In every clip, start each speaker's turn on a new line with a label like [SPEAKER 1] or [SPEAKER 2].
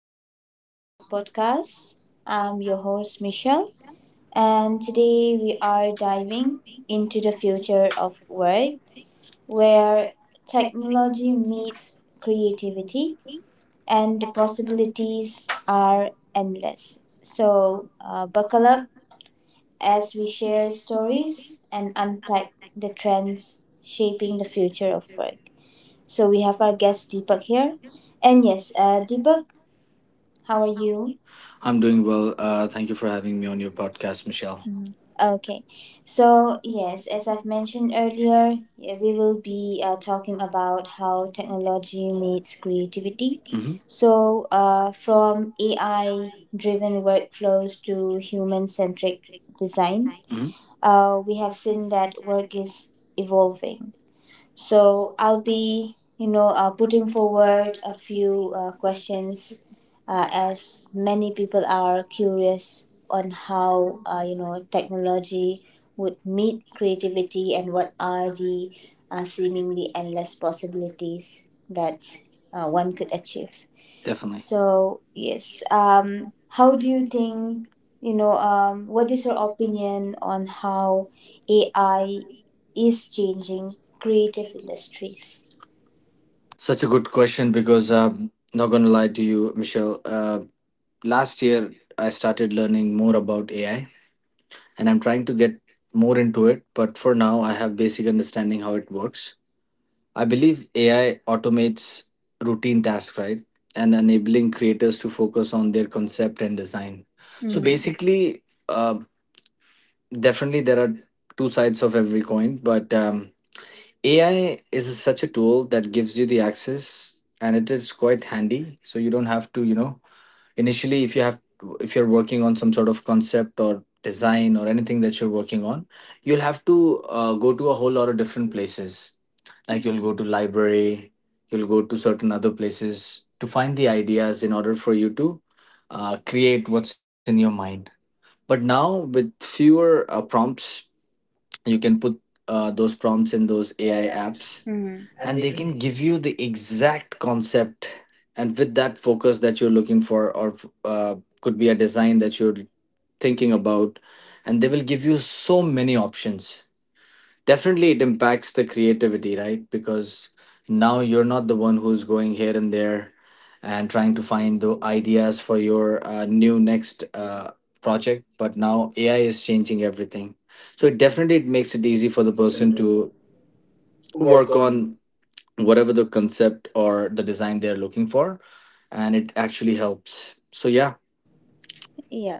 [SPEAKER 1] Welcome to our podcast. I'm your host, Michelle, and today we are diving into the future of work where technology meets creativity and the possibilities are endless. So, buckle up as we share stories and unpack the trends shaping the future of work. So, we have our guest Deepak here. And yes, Deepak, how are you?
[SPEAKER 2] I'm doing well. Thank you for having me on your podcast, Michelle.
[SPEAKER 1] Mhm. Okay, so yes, as I've mentioned
[SPEAKER 2] yeah,
[SPEAKER 1] earlier, yeah, we will be talking about how technology meets creativity.
[SPEAKER 2] hmm
[SPEAKER 1] So, from AI driven workflows to human centric design,
[SPEAKER 2] hmm
[SPEAKER 1] we have seen that work is evolving. So I'll be, putting forward a few questions as many people are curious on how, technology would meet creativity and what are the seemingly endless possibilities that one could achieve.
[SPEAKER 2] Definitely.
[SPEAKER 1] So yes, how do you think? What is your opinion on how AI is changing creative industries?
[SPEAKER 2] Such a good question because not going to lie to you, Michelle. Last year, I started learning more about AI and I'm trying to get more into it. But for now, I have basic understanding how it works. I believe AI automates routine tasks, right? And enabling creators to focus on their concept and design. So
[SPEAKER 1] Mhm.
[SPEAKER 2] basically, uh, definitely there are two sides of every coin, but AI is such a tool that gives you the access and it is quite handy. So you don't have to, you know, initially if you have if you're working on some sort of concept or design or anything that you're working on, you'll have to go to a whole lot of different places, like you'll go to library, you'll go to certain other places to find the ideas in order for you to create what's in your mind. But now with fewer prompts, you can put those prompts in those AI apps,
[SPEAKER 1] Mhm.
[SPEAKER 2] and they can give you the exact concept and with that focus that you're looking for, or uh, could be a design that you're thinking about, and they will give you so many options. Definitely, it impacts the creativity, right? Because now you're not the one who's going here and there and trying to find the ideas for your new next project, but now AI is changing everything. So it definitely it makes it easy for the person to work on whatever the concept or the design they're looking for, and it actually helps. So yeah.
[SPEAKER 1] Yeah.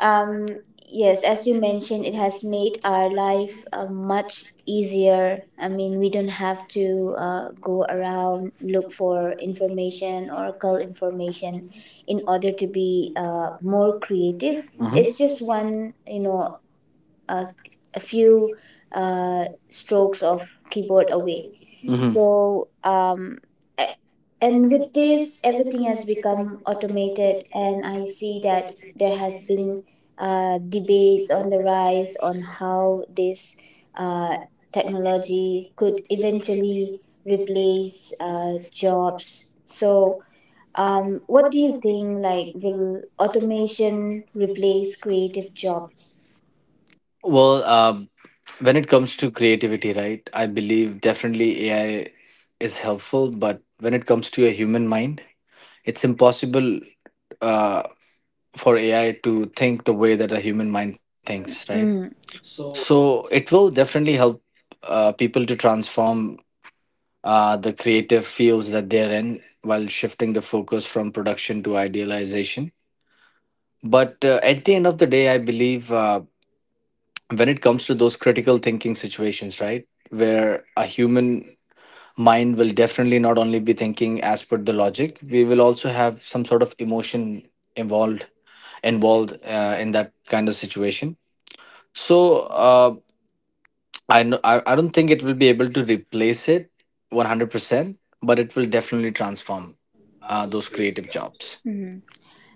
[SPEAKER 1] Um, yes, as you mentioned, it has made our life much easier. I mean, we don't have to go around look for information or cull information in order to be more creative. Mm-hmm.
[SPEAKER 2] hmm
[SPEAKER 1] It's just one, uh, a few uh, strokes of keyboard away. Mm-hmm.
[SPEAKER 2] hmm
[SPEAKER 1] So and with this everything has become automated, and I see that there has been debates on the rise on how this uh, technology could eventually replace jobs. So what do you think, like, will automation replace creative jobs?
[SPEAKER 2] Well, when it comes to creativity, right, I believe definitely AI is helpful, but when it comes to a human mind, it's impossible uh, for AI to think the way that a human mind thinks, right?
[SPEAKER 1] Mm.
[SPEAKER 2] So it will definitely help people to transform the creative fields that they're in, while shifting the focus from production to idealization. But at the end of the day, I believe, when it comes to those critical thinking situations, right? Where a human mind will definitely not only be thinking as per the logic, we will also have some sort of emotion involved involved in that kind of situation. So I, kn- I don't think it will be able to replace it 100%, but it will definitely transform those creative jobs.
[SPEAKER 1] Mhm.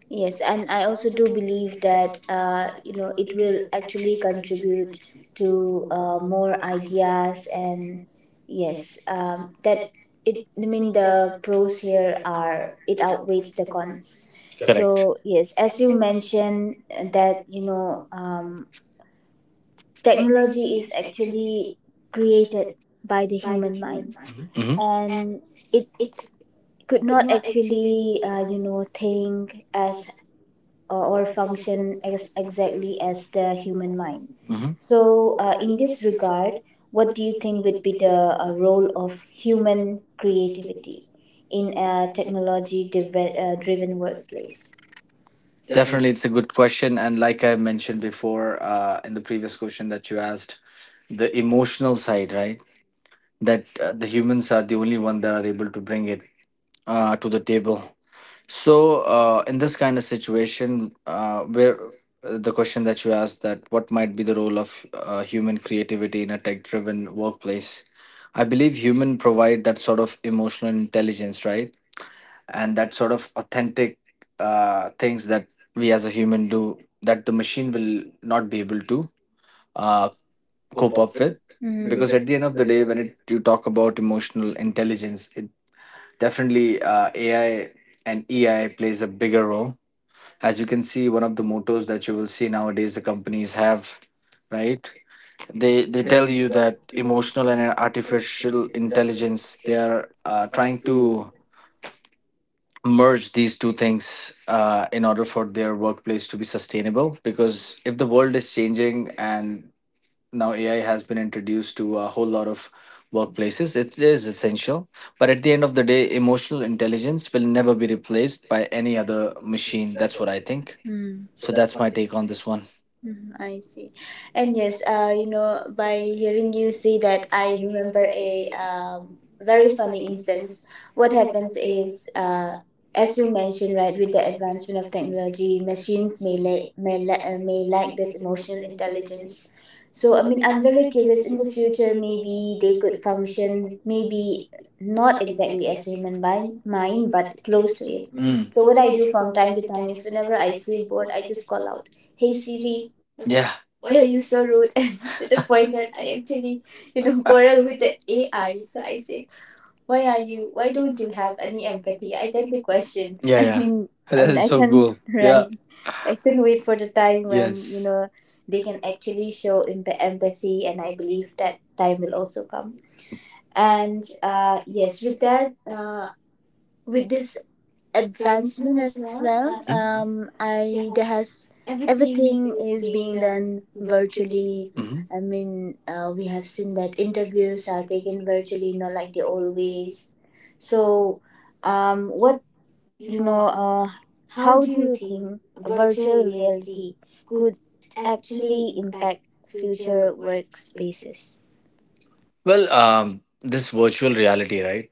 [SPEAKER 1] Yes, and I also do believe that it will actually contribute to more ideas, and yes, that it. I mean, the pros here are it outweighs the cons.
[SPEAKER 2] Correct.
[SPEAKER 1] So yes, as you mentioned that technology is actually created by the human mind
[SPEAKER 2] Mm-hmm.
[SPEAKER 1] and it could not actually think as or function as exactly as the human mind. So, in this regard, what do you think would be the role of human creativity in a technology driven workplace?
[SPEAKER 2] Definitely, it's a good question. And like I mentioned before in the previous question that you asked, the emotional side, right? That the humans are the only one that are able to bring it to the table. So, in this kind of situation, where the question that you asked, that what might be the role of human creativity in a tech driven workplace? I believe human provide that sort of emotional intelligence, right? And that sort of authentic things that we as a human do that the machine will not be able to uh, cope up with,
[SPEAKER 1] Mm. Because
[SPEAKER 2] because
[SPEAKER 1] it
[SPEAKER 2] at the end of the day when it, you talk about emotional intelligence, it definitely AI and EI plays a bigger role. As you can see, one of the mottos that you will see nowadays the companies have, right,
[SPEAKER 1] it
[SPEAKER 2] they
[SPEAKER 1] will
[SPEAKER 2] they
[SPEAKER 1] Tell
[SPEAKER 2] tell
[SPEAKER 1] you
[SPEAKER 2] you
[SPEAKER 1] that
[SPEAKER 2] that
[SPEAKER 1] emotional
[SPEAKER 2] emotional and
[SPEAKER 1] and artificial
[SPEAKER 2] artificial
[SPEAKER 1] intelligence
[SPEAKER 2] intelligence,
[SPEAKER 1] they
[SPEAKER 2] they are trying to merge these two things in order for their workplace to be sustainable, because if the world is changing and now AI has been introduced to a whole lot of workplaces, it is essential. But at the end of the day, emotional intelligence will never be replaced by any other machine, that's what I think.
[SPEAKER 1] are.
[SPEAKER 2] So that's my take on this one.
[SPEAKER 1] Mhm, I see. And yes, by hearing you say that, I remember a very funny instance. What happens is, as you mentioned, right, with the advancement of technology, machines may lack this emotional intelligence. So, I mean, I'm very curious in the future, maybe they could function, maybe not exactly as human mind, but close to it.
[SPEAKER 2] Mm.
[SPEAKER 1] So what I do from time to time is, whenever I feel bored, I just call out, "Hey Siri! I mean, yeah,
[SPEAKER 2] Yeah,
[SPEAKER 1] why are you so rude?" And to the point that I actually, quarrel with the AI. So I said, "Why are you? Why don't you have any empathy?" I tend to
[SPEAKER 2] yeah,
[SPEAKER 1] question. Yeah. I Yeah.
[SPEAKER 2] yeah,
[SPEAKER 1] mean, I
[SPEAKER 2] that
[SPEAKER 1] mean, that's I
[SPEAKER 2] is
[SPEAKER 1] that's so
[SPEAKER 2] so
[SPEAKER 1] can
[SPEAKER 2] cool,
[SPEAKER 1] true. Yeah.
[SPEAKER 2] yeah,
[SPEAKER 1] Right. I can
[SPEAKER 2] can
[SPEAKER 1] wait
[SPEAKER 2] wait
[SPEAKER 1] for
[SPEAKER 2] for
[SPEAKER 1] the
[SPEAKER 2] the
[SPEAKER 1] time
[SPEAKER 2] time,
[SPEAKER 1] when, yes, you
[SPEAKER 2] yes,
[SPEAKER 1] know they can actually show empathy, and I believe that time will also come. And yes, with that, with this advancement
[SPEAKER 2] advancement
[SPEAKER 1] as
[SPEAKER 2] as
[SPEAKER 1] well.
[SPEAKER 2] well.
[SPEAKER 1] I there has everything is being done virtually.
[SPEAKER 2] Mhm.
[SPEAKER 1] I mean, we have seen that interviews are taken virtually, not like the old ways. So, um, what you know, uh, how do you think virtual reality could actually impact future workspaces?
[SPEAKER 2] Well, this virtual reality, right?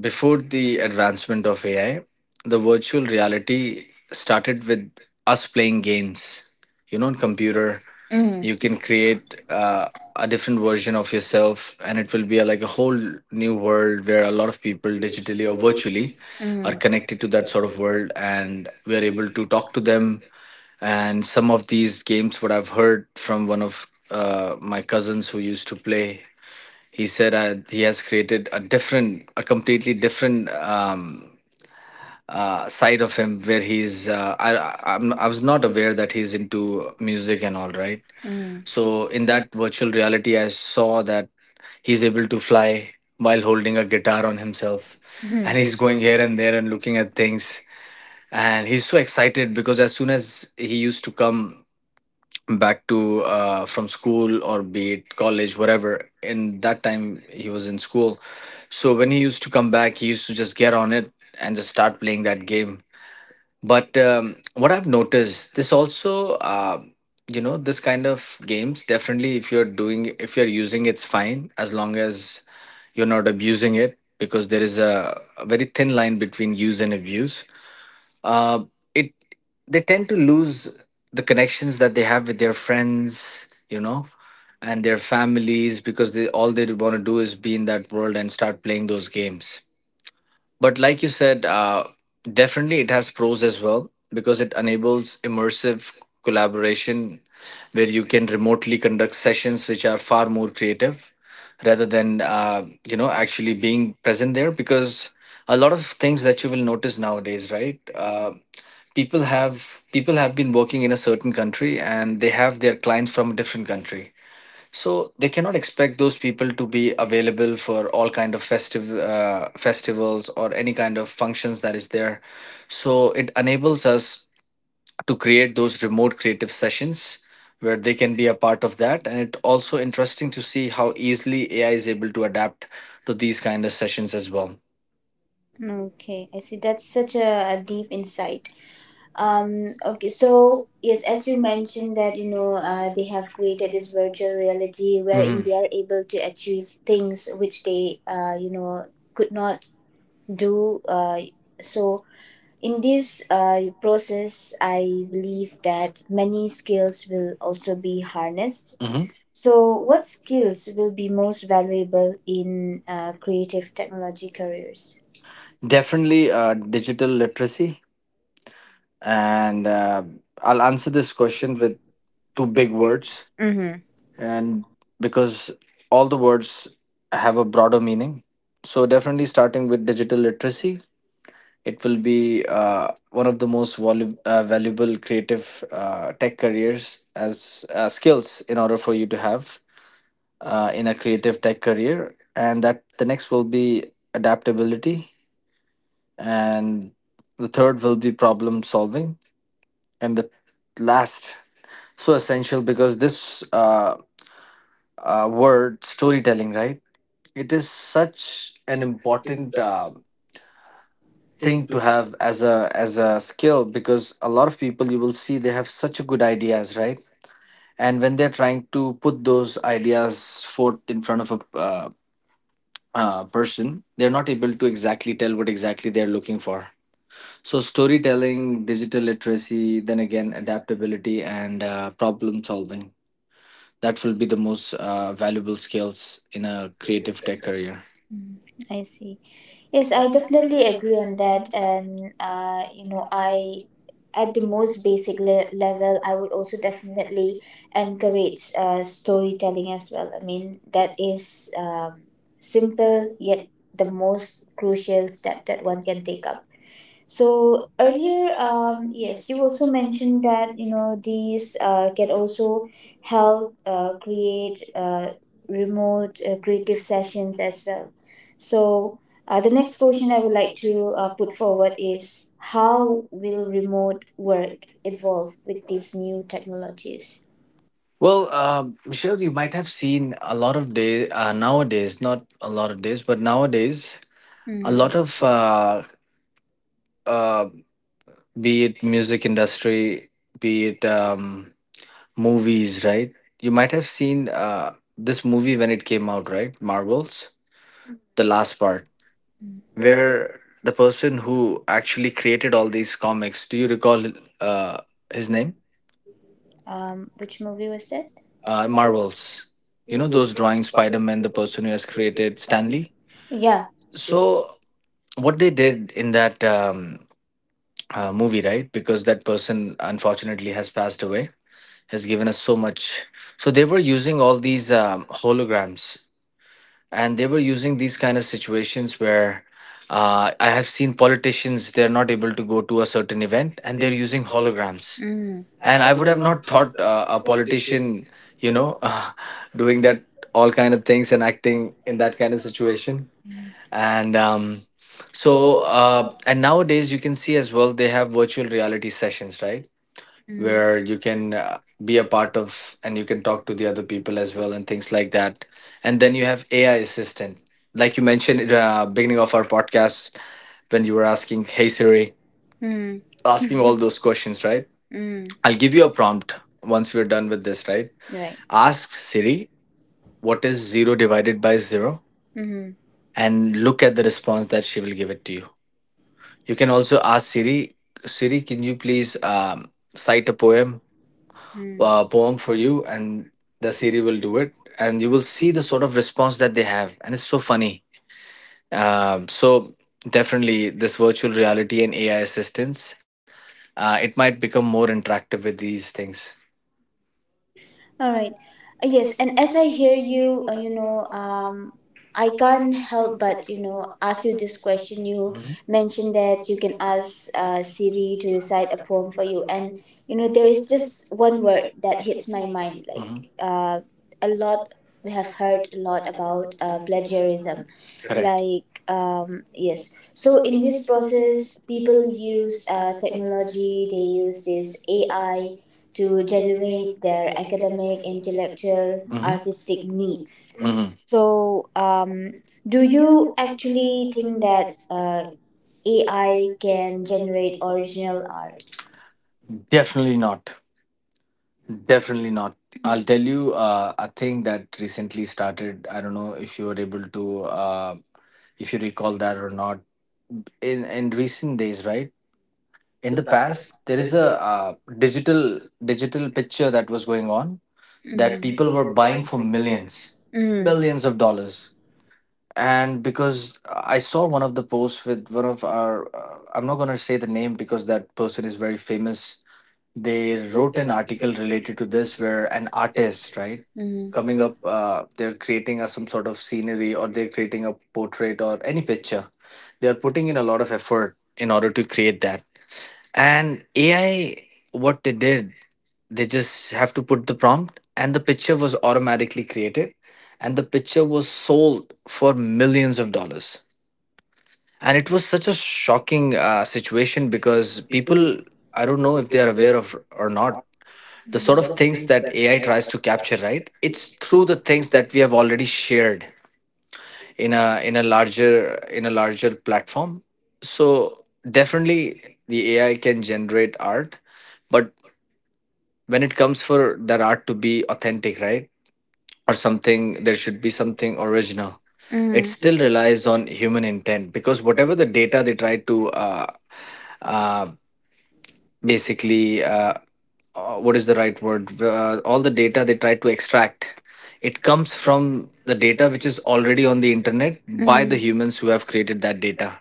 [SPEAKER 2] Before the advancement of AI, the virtual reality started with us playing games. You know, on computer,
[SPEAKER 1] Mm. You
[SPEAKER 2] you
[SPEAKER 1] can
[SPEAKER 2] can
[SPEAKER 1] create
[SPEAKER 2] create a different version of yourself, and it will be a, like a whole new world where a lot of people, digitally or virtually,
[SPEAKER 1] mm. a
[SPEAKER 2] are
[SPEAKER 1] connection
[SPEAKER 2] connected
[SPEAKER 1] to
[SPEAKER 2] to that
[SPEAKER 1] that sort
[SPEAKER 2] sort
[SPEAKER 1] of
[SPEAKER 2] of
[SPEAKER 1] world.
[SPEAKER 2] world, and we are able to talk to them. And some of these games, what I've heard from one of my cousins who used to play, he said he has created a different, a completely different side of him where he's I was not aware that he's into music and all, right?
[SPEAKER 1] Mm.
[SPEAKER 2] So in that virtual reality, I saw that he's able to fly while holding a guitar on himself,
[SPEAKER 1] Mhm. And
[SPEAKER 2] and
[SPEAKER 1] he's
[SPEAKER 2] he's
[SPEAKER 1] going
[SPEAKER 2] going
[SPEAKER 1] here
[SPEAKER 2] here and
[SPEAKER 1] and.
[SPEAKER 2] there and looking at things, and he's so excited because as soon as he used to come back to from school, or be it college, whatever, in that time he was in school, so when he used to come back, he used to just get on it and just start playing that game. But what I've noticed, this also, you know, this kind of games, definitely if you're doing, if you're using, it's fine, as long as you're not abusing it, because there is a very thin line between use and abuse. Uh, it They tend to lose the connections that they have with their friends, you know, and their families, because they, all they want to do is be in that world and start playing those games. But like you said, definitely it has pros as well, because it enables immersive collaboration where you can remotely conduct sessions which are far more creative, rather than you know, actually being present there. Because a lot of things that you will notice nowadays, right? People have been working in a certain country and they have their clients from a different country, so they cannot expect those people to be available for all kind of festive festivals or any kind of functions that is there. So it enables us to create those remote creative sessions where they can be a part of that, and it also interesting to see how easily AI is able to adapt to these kind of sessions as well.
[SPEAKER 1] Okay, I see. That's such a deep insight. Okay, so yes, as you mentioned that they have created this virtual reality wherein,
[SPEAKER 2] Mhm.
[SPEAKER 1] They are able to achieve things which they could not do. So in this process, I believe that many skills will also be harnessed.
[SPEAKER 2] hmm
[SPEAKER 1] So, what skills will be most valuable in creative technology careers?
[SPEAKER 2] Definitely digital literacy. And I'll answer this question with two big words,
[SPEAKER 1] Mm-hmm.
[SPEAKER 2] and because all the words have a broader meaning. So, definitely starting with digital literacy, it will be one of the most valuable creative tech careers as skills in order for you to have in a creative tech career. And that the next will be adaptability, and the third will be problem solving, and the last, so essential, because this word storytelling, right? It is such an important thing to have as a skill, because a lot of people, you will see, they have such a good ideas, right? And when they're trying to put those ideas forth in front of a person, they're not able to exactly tell what exactly they're looking for. So, storytelling, digital literacy, then again, adaptability and problem solving. That will be the most valuable skills in a creative tech career.
[SPEAKER 1] I see. Yes, I definitely agree on that. And, I, at the most basic level, I would also definitely encourage storytelling as well. I mean, that is simple yet the most crucial step that one can take up. So earlier, yes, you also mentioned that these can also help create remote creative sessions as well. So the next question I would like to put forward is, how will remote work evolve with these new technologies?
[SPEAKER 2] Well, Michelle, you might have seen a lot of days, nowadays, not a lot of days, but nowadays,
[SPEAKER 1] A
[SPEAKER 2] a
[SPEAKER 1] Mhm. lot
[SPEAKER 2] lot
[SPEAKER 1] Mhm. of
[SPEAKER 2] of
[SPEAKER 1] uh.
[SPEAKER 2] uh, be it music industry, be it movies, right? You might have seen this movie when it came out, right? Marvels, the last part, where the person who actually created all these comics, do you recall uh, his name?
[SPEAKER 1] Which movie was that?
[SPEAKER 2] Marvels. You know, those drawing Spider Man, the person who has created, Stanley.
[SPEAKER 1] Yeah.
[SPEAKER 2] So, what they did in that movie, right? Because that person, unfortunately, has passed away, has given us so much. So they were using all these holograms, and they were using these kind of situations where I have seen politicians, they're not able to go to a certain event and they're using holograms.
[SPEAKER 1] Mm.
[SPEAKER 2] And I would have not thought a politician, you know doing that, all kind of things, and acting in that kind of situation. And um, so uh, and nowadays, you can see as well, they have virtual reality sessions, right,
[SPEAKER 1] Mm.
[SPEAKER 2] where
[SPEAKER 1] Where
[SPEAKER 2] you
[SPEAKER 1] you
[SPEAKER 2] can
[SPEAKER 1] can
[SPEAKER 2] be a part of, and you can talk to the other people as well and things like that. And then you have AI assistant, like you mentioned at beginning of our podcast, when you were asking Hey Siri,
[SPEAKER 1] mm. ask
[SPEAKER 2] asking
[SPEAKER 1] you
[SPEAKER 2] all
[SPEAKER 1] all those
[SPEAKER 2] those
[SPEAKER 1] questions,
[SPEAKER 2] questions,
[SPEAKER 1] right?
[SPEAKER 2] right?
[SPEAKER 1] Mm.
[SPEAKER 2] I'll give you a prompt once we're done with this, right?
[SPEAKER 1] Right.
[SPEAKER 2] Ask Siri, what is 0 divided by 0,
[SPEAKER 1] Mm-hmm.
[SPEAKER 2] and look at the response that she will give it to you. You can also ask Siri, Siri, can you please cite a poem,
[SPEAKER 1] Mm.
[SPEAKER 2] poem for you, and the Siri will do it. And you will see the sort of response that they have, and it's so funny. So definitely, this virtual reality and AI assistance, it might become more interactive with these things.
[SPEAKER 1] All right. Yes, and as I hear you, I can't help but ask you this question. You mentioned that you can ask Siri to recite a poem for you, and
[SPEAKER 2] Mhm.
[SPEAKER 1] there is just one word that hits my mind.
[SPEAKER 2] In.
[SPEAKER 1] Like
[SPEAKER 2] Mhm.
[SPEAKER 1] uh, a lot, we have heard a lot about plagiarism.
[SPEAKER 2] Correct.
[SPEAKER 1] Like yes, so in this process, people use technology. They use this AI to generate their academic, intellectual,
[SPEAKER 2] Mhm.
[SPEAKER 1] artistic needs.
[SPEAKER 2] Mhm.
[SPEAKER 1] So, do you actually think that AI can generate original art?
[SPEAKER 2] Definitely not. Definitely not. I'll tell you a thing that recently started. I don't know if you were able to, if you recall that or not. In recent days, right? In the past, there is a uh, digital picture that was going on that people were buying for millions,
[SPEAKER 1] Mm.
[SPEAKER 2] millions of dollars. And because I saw one of the posts with one of our, I'm not gonna say the name because that person is very famous, they wrote an article related to this, where an artist, right,
[SPEAKER 1] Mhm.
[SPEAKER 2] coming up, they're creating a, some sort of scenery, or they're creating a portrait or any picture, they're putting in a lot of effort in order to create that. And AI, what they did, they just have to put the prompt and the picture was automatically created, and the picture was sold for millions of dollars. And it was such a shocking situation, because people, I don't know if they are aware of or not, the sort of things that AI tries to capture, right? It's through the things that we have already shared in a larger, in a larger platform. So definitely, the AI can generate art, but when it comes for that art to be authentic, right? Or something, there should be something original.
[SPEAKER 1] Mhm. Mhm.
[SPEAKER 2] It still relies on human intent, because whatever the data they try to uh, basically, what is the right word, all the data they try to extract, it comes from the data which is already on the internet by the humans who have created that data.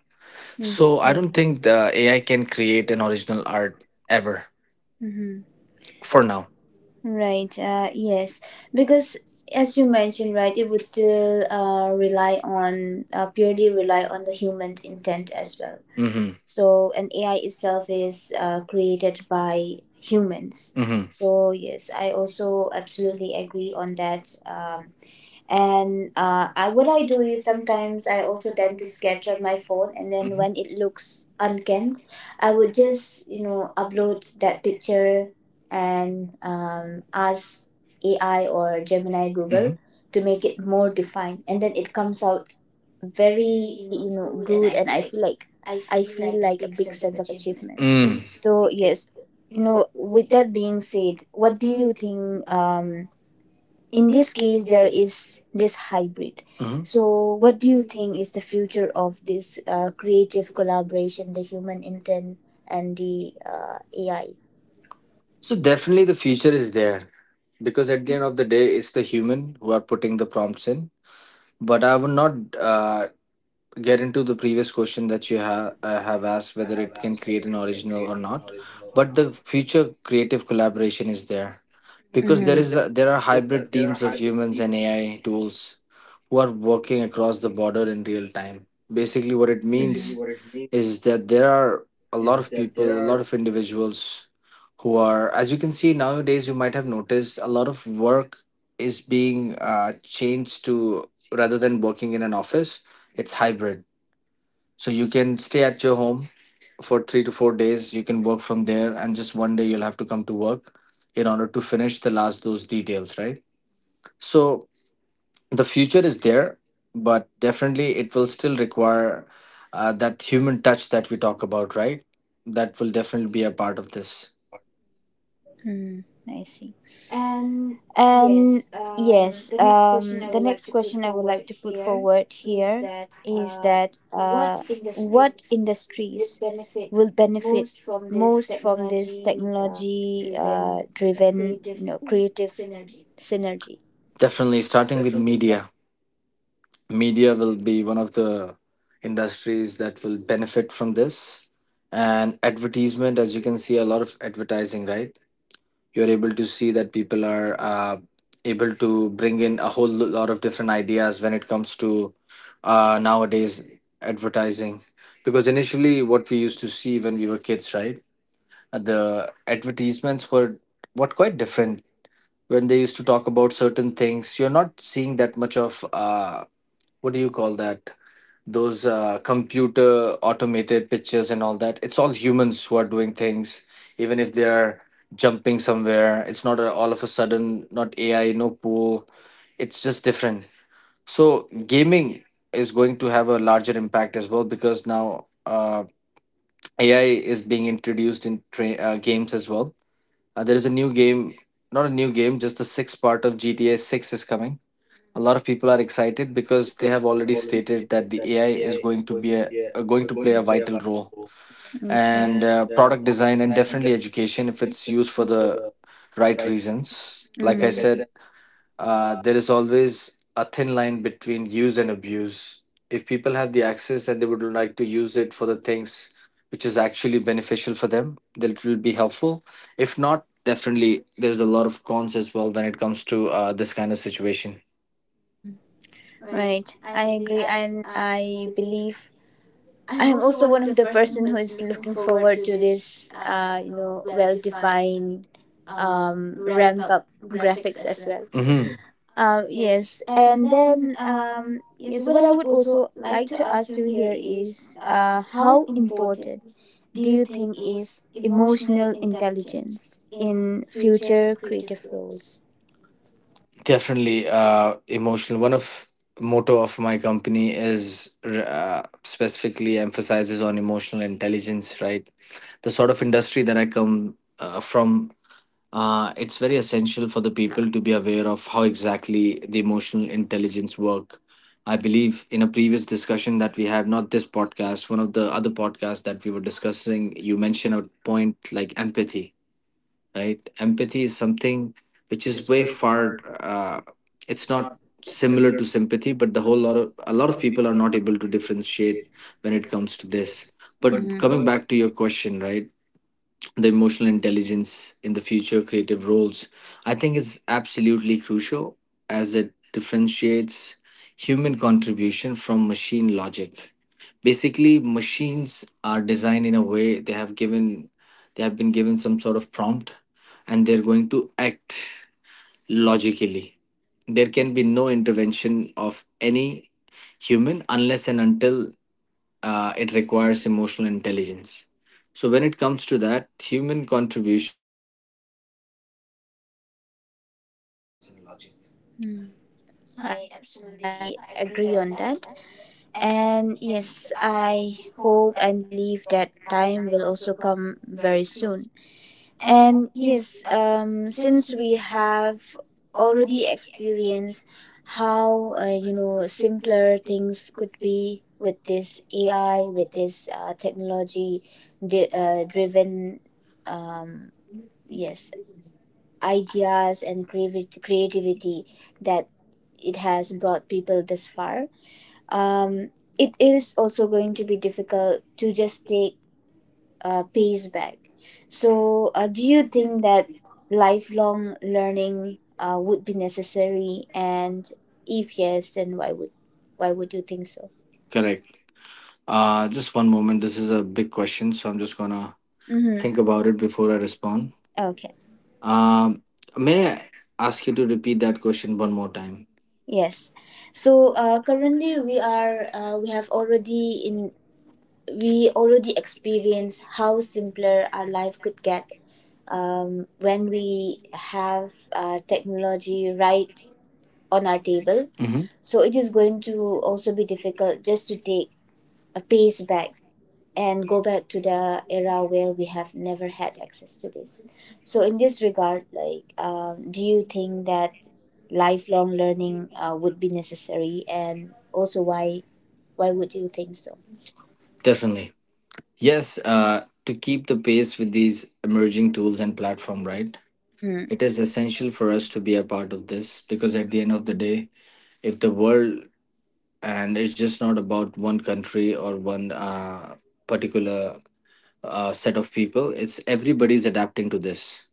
[SPEAKER 1] Mhm.
[SPEAKER 2] So I don't think the AI can create an original art, ever,
[SPEAKER 1] Mhm.
[SPEAKER 2] for now.
[SPEAKER 1] Right, yes, because as you mentioned, right, it would still rely on, purely rely on the human intent as well.
[SPEAKER 2] Hmm.
[SPEAKER 1] So an AI itself is created by humans.
[SPEAKER 2] Hmm.
[SPEAKER 1] So yes, I also absolutely agree on that. Um,
[SPEAKER 2] And
[SPEAKER 1] and uh, I, what
[SPEAKER 2] what
[SPEAKER 1] I
[SPEAKER 2] I
[SPEAKER 1] do
[SPEAKER 2] do
[SPEAKER 1] is
[SPEAKER 2] is
[SPEAKER 1] sometimes
[SPEAKER 2] sometimes
[SPEAKER 1] I
[SPEAKER 2] I
[SPEAKER 1] also
[SPEAKER 2] also
[SPEAKER 1] tend to sketch on my phone, and then when it looks
[SPEAKER 2] uncan
[SPEAKER 1] unkempt I would just upload that picture and ask
[SPEAKER 2] my
[SPEAKER 1] AI or Gemini Google,
[SPEAKER 2] Google.
[SPEAKER 1] Mhm. to make it more defined, and then it comes out very good, and I feel like a big sense of achievement.
[SPEAKER 2] Mhm. Mm.
[SPEAKER 1] So yes, with that being said, what do you think, in this case there is this hybrid.
[SPEAKER 2] Mhm.
[SPEAKER 1] So, what do you think is the future of this creative collaboration, the human intent and the AI?
[SPEAKER 2] So definitely, the future is there, because at the end of the day, it's the human who are putting the prompts in. But I would not, uh, get into the previous question that you have asked, whether it can create an original or not. But the future creative collaboration is there,
[SPEAKER 1] Mm-hmm.
[SPEAKER 2] because there is there are hybrid teams of humans and AI tools who are working across the border in real time. Basically, what it means is that there are a lot of people, a lot of individuals, who are, as you can see nowadays, you might have noticed, a lot of work is being changed to, rather than working in an office, it's hybrid. So you can stay at your home for 3 to 4 days. You can work from there, and just one day you'll have to come to work in order to finish the last those details, right? So the future is there, but definitely it will still require that human touch that we talk about, right? That will definitely be a part of this.
[SPEAKER 1] Mm, I see. And yes, the next question I would like to put forward here is that what industries will benefit most from this technology, driven creative synergy?
[SPEAKER 2] Definitely, starting with media. Media will be one of the industries that will benefit from this. And advertisement, as you can see, a lot of advertising, right? You're able to see that people are able to bring in a whole lot of different ideas when it comes to, nowadays, advertising. Because initially, what we used to see when we were kids, right, the advertisements were what quite different. When they used to talk about certain things, you're not seeing that much of, what do you call that, those computer automated pictures and all that. It's all humans who are doing things. Even if they're jumping somewhere, it's not a, all of a sudden not AI, no pool, it's just different. So gaming is going to have a larger impact as well, because now AI is being introduced in games as well. There is a new game, not a new game, just the sixth part of GTA 6 is coming. A lot of people are excited because they have already stated that the AI is going to be a, going to play a vital role. And
[SPEAKER 1] I
[SPEAKER 2] product design, and definitely education, if it's used for the right reasons.
[SPEAKER 1] like
[SPEAKER 2] Like I said,
[SPEAKER 1] Mm. Mm,
[SPEAKER 2] there is always a thin line between use and abuse. If people have the access and they would like to use it for the things which is actually beneficial for them, then it will be helpful. If not, definitely there's a lot of cons as well when it comes to this kind of situation.
[SPEAKER 1] Mm. Right. I agree, and I believe I am also one of the person who is looking forward to this well defined ramp up graphics as well.
[SPEAKER 2] Hmm.
[SPEAKER 1] Yes, and then yes, what I would also like to ask you here is, how important do you think is emotional intelligence in future creative roles?
[SPEAKER 2] Definitely, emotional. One of motto of my company is specifically emphasizes on emotional intelligence. Right, the sort of industry that I come from, it's very essential for the people to be aware of how exactly the emotional intelligence work. I believe in a previous discussion that we have, not this podcast, one of the other podcasts that we were discussing, you mentioned a point like empathy. Right, empathy is something which is way far, it's not similar to sympathy, but the whole lot of a lot of people are not able to differentiate when it comes to this.
[SPEAKER 1] But
[SPEAKER 2] But
[SPEAKER 1] Mhm.
[SPEAKER 2] coming
[SPEAKER 1] coming back
[SPEAKER 2] back to
[SPEAKER 1] to
[SPEAKER 2] your
[SPEAKER 1] you.
[SPEAKER 2] question, right, the emotional intelligence in the future creative roles, I think is absolutely crucial, as it differentiates human contribution from machine logic. Basically, machines are designed in a way, they have given, they have been given some sort of prompt, and they're going to act logically. There can be no intervention of any human unless and until it requires emotional intelligence. So when it comes to that, human contribution
[SPEAKER 1] Mm, I absolutely agree on that. And yes, I hope and believe that time will also come very soon. And yes, since we have already experienced how simpler things could be with this AI, with this technology driven, um, yes, ideas and creativity that it has brought people this far. Um, it is also going to be difficult to just take pays back. So, do you think that lifelong learning would be necessary? And if yes, then why would you think so?
[SPEAKER 3] Correct. Just one moment. This is a big question, so I'm just gonna think
[SPEAKER 1] Mm-hmm.
[SPEAKER 3] about it before I respond.
[SPEAKER 1] Okay.
[SPEAKER 3] Um, may I ask you to repeat that question one more time?
[SPEAKER 1] Yes. So currently we are we have already in we already experienced how simpler our life could get, when we have technology right on our table.
[SPEAKER 3] Mm-hmm.
[SPEAKER 1] So it is going to also be difficult just to take a pace back and go back to the era where we have never had access to this. So, in this regard, like, do you think that lifelong learning would be necessary, and also why? Why would you think so?
[SPEAKER 3] Definitely. Yes. To keep the pace with these emerging tools and platform, right?
[SPEAKER 1] Mm-hmm.
[SPEAKER 3] It is essential for us to be a part of this because at the end of the day, if the world, and it's just not about one country or one particular set of people, it's everybody's adapting to this.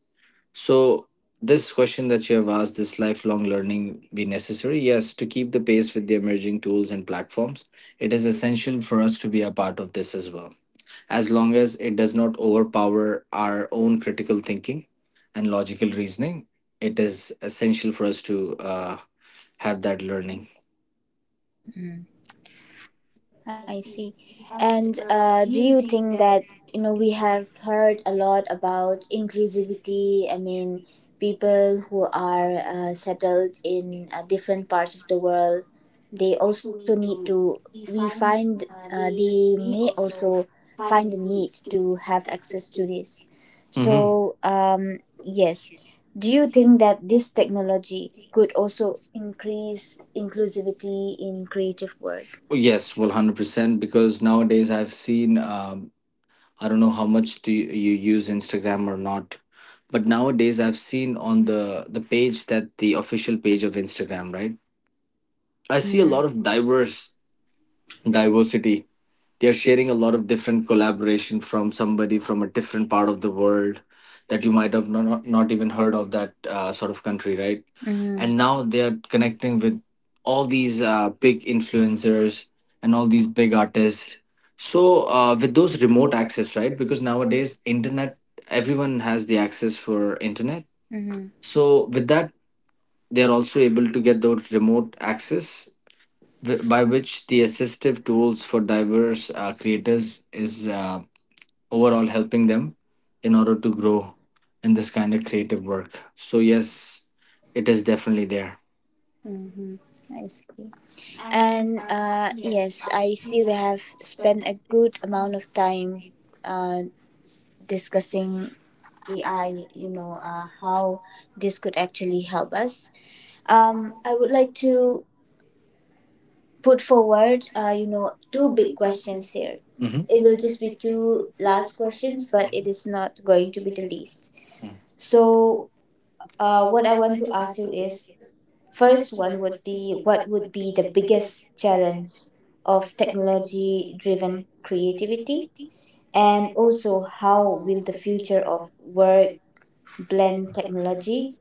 [SPEAKER 3] So, this question that you have asked, this lifelong learning be necessary? Yes, to keep the pace with the emerging tools and platforms, it is essential for us to be a part of this as well. As long as it does not overpower our own critical thinking and logical reasoning, it is essential for us to have that learning.
[SPEAKER 1] I see. And do you think that, we have heard a lot about inclusivity? I mean, people who are settled in different parts of the world, they also need to, we find, they may also find the need to have access to this. Mm.
[SPEAKER 3] Mhm.
[SPEAKER 1] So, yes. Do you think that this technology could also increase inclusivity in creative work?
[SPEAKER 3] Yes, well, 100%. Because nowadays I've seen I don't know how much do you use Instagram or not, but nowadays I've seen on the page, that the official page of Instagram, right? I see a lot of diverse diversity. They're sharing a lot of different collaboration from somebody from a different part of the world that you might have not even heard of that sort of country, right?
[SPEAKER 1] Mm-hmm.
[SPEAKER 3] And now they're connecting with all these big influencers, and all these big artists. So with those remote access, right? Because nowadays internet, everyone has the access for internet.
[SPEAKER 1] Mm-hmm.
[SPEAKER 3] So with that, they're also able to get those remote access, by which the assistive tools for diverse creators is overall helping them in order to grow in this kind of creative work. So yes, it is definitely there.
[SPEAKER 1] Mm-hmm. I see. And yes, I see we have spent a good amount of time uh, discussing AI, how this could actually help us. I would like to put forward, two big questions here.
[SPEAKER 3] Mhm.
[SPEAKER 1] It will just be two last questions, but it is not going to be the least. So, what I want to ask you is, first one would be, what would be the biggest challenge of technology driven creativity? And also, how will the future of work blend technology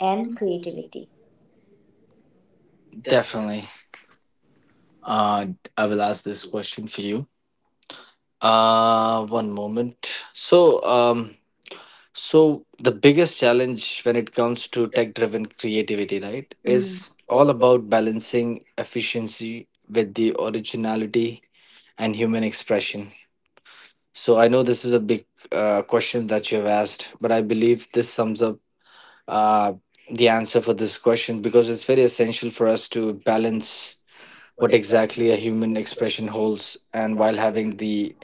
[SPEAKER 1] and creativity?
[SPEAKER 3] Definitely. Uh, I will ask this question for you. One moment. So, um, so the biggest challenge when it comes to tech-driven creativity, right,
[SPEAKER 1] Mm.
[SPEAKER 3] is all about balancing efficiency with the originality and human expression. So I know this is a big question that you have asked, but I believe this sums up uh, the answer for this question, because it's very essential for us to balance what exactly a human expression holds, and while having the,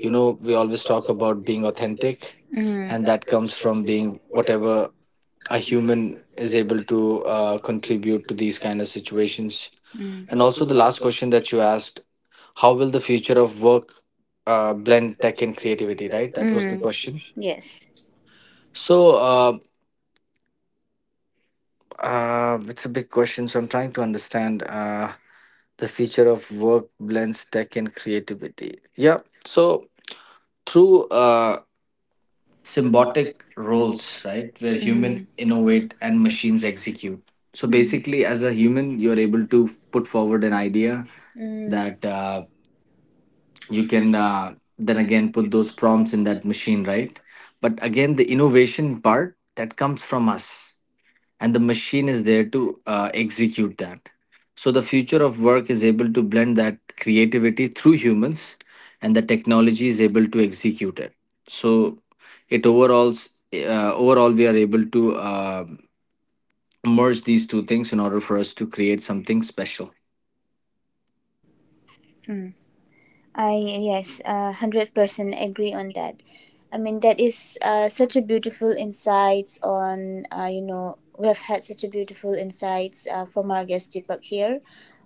[SPEAKER 3] you know, we always talk about being authentic,
[SPEAKER 1] Mm.
[SPEAKER 3] and that comes from being whatever a human is able to contribute to these kind of situations.
[SPEAKER 1] Mm.
[SPEAKER 3] And also the last question that you asked, how will the future of work blend tech and creativity, right? That was the
[SPEAKER 1] Mm.
[SPEAKER 3] question.
[SPEAKER 1] Yes.
[SPEAKER 3] So it's a big question, so I'm trying to understand, the future of work blends tech and creativity, yeah. So through symbiotic roles, right? Where
[SPEAKER 1] Mhm.
[SPEAKER 3] human innovate and machines execute. So
[SPEAKER 1] Mhm.
[SPEAKER 3] basically, as a human, you're able to put forward an idea
[SPEAKER 1] Mm.
[SPEAKER 3] that you can then again put those prompts in that machine, right? But again, the innovation part that comes from us, and the machine is there to execute that. So the future of work is able to blend that creativity through humans, and the technology is able to execute it. So it overall, we are able to merge these two things in order for us to create something special.
[SPEAKER 1] Mm. I yes, 100% agree on that. I mean, that is such a beautiful insights on, we have had such a beautiful insights from our guest Deepak here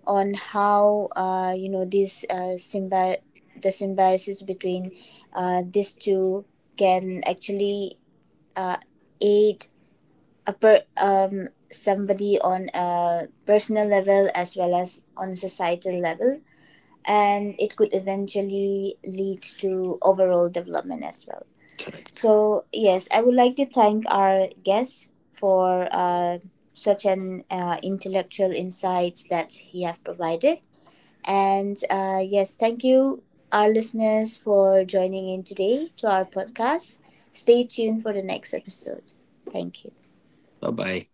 [SPEAKER 1] on how the symbiosis between these two can actually uh, aid somebody on a personal level as well as on a societal level, and it could eventually lead to overall development as well.
[SPEAKER 3] Correct.
[SPEAKER 1] So, yes, I would like to thank our guest for such an intellectual insights that he have provided. And yes, thank you, our listeners, for joining in today to our podcast. Stay tuned for the next episode. Thank you.
[SPEAKER 3] Bye bye.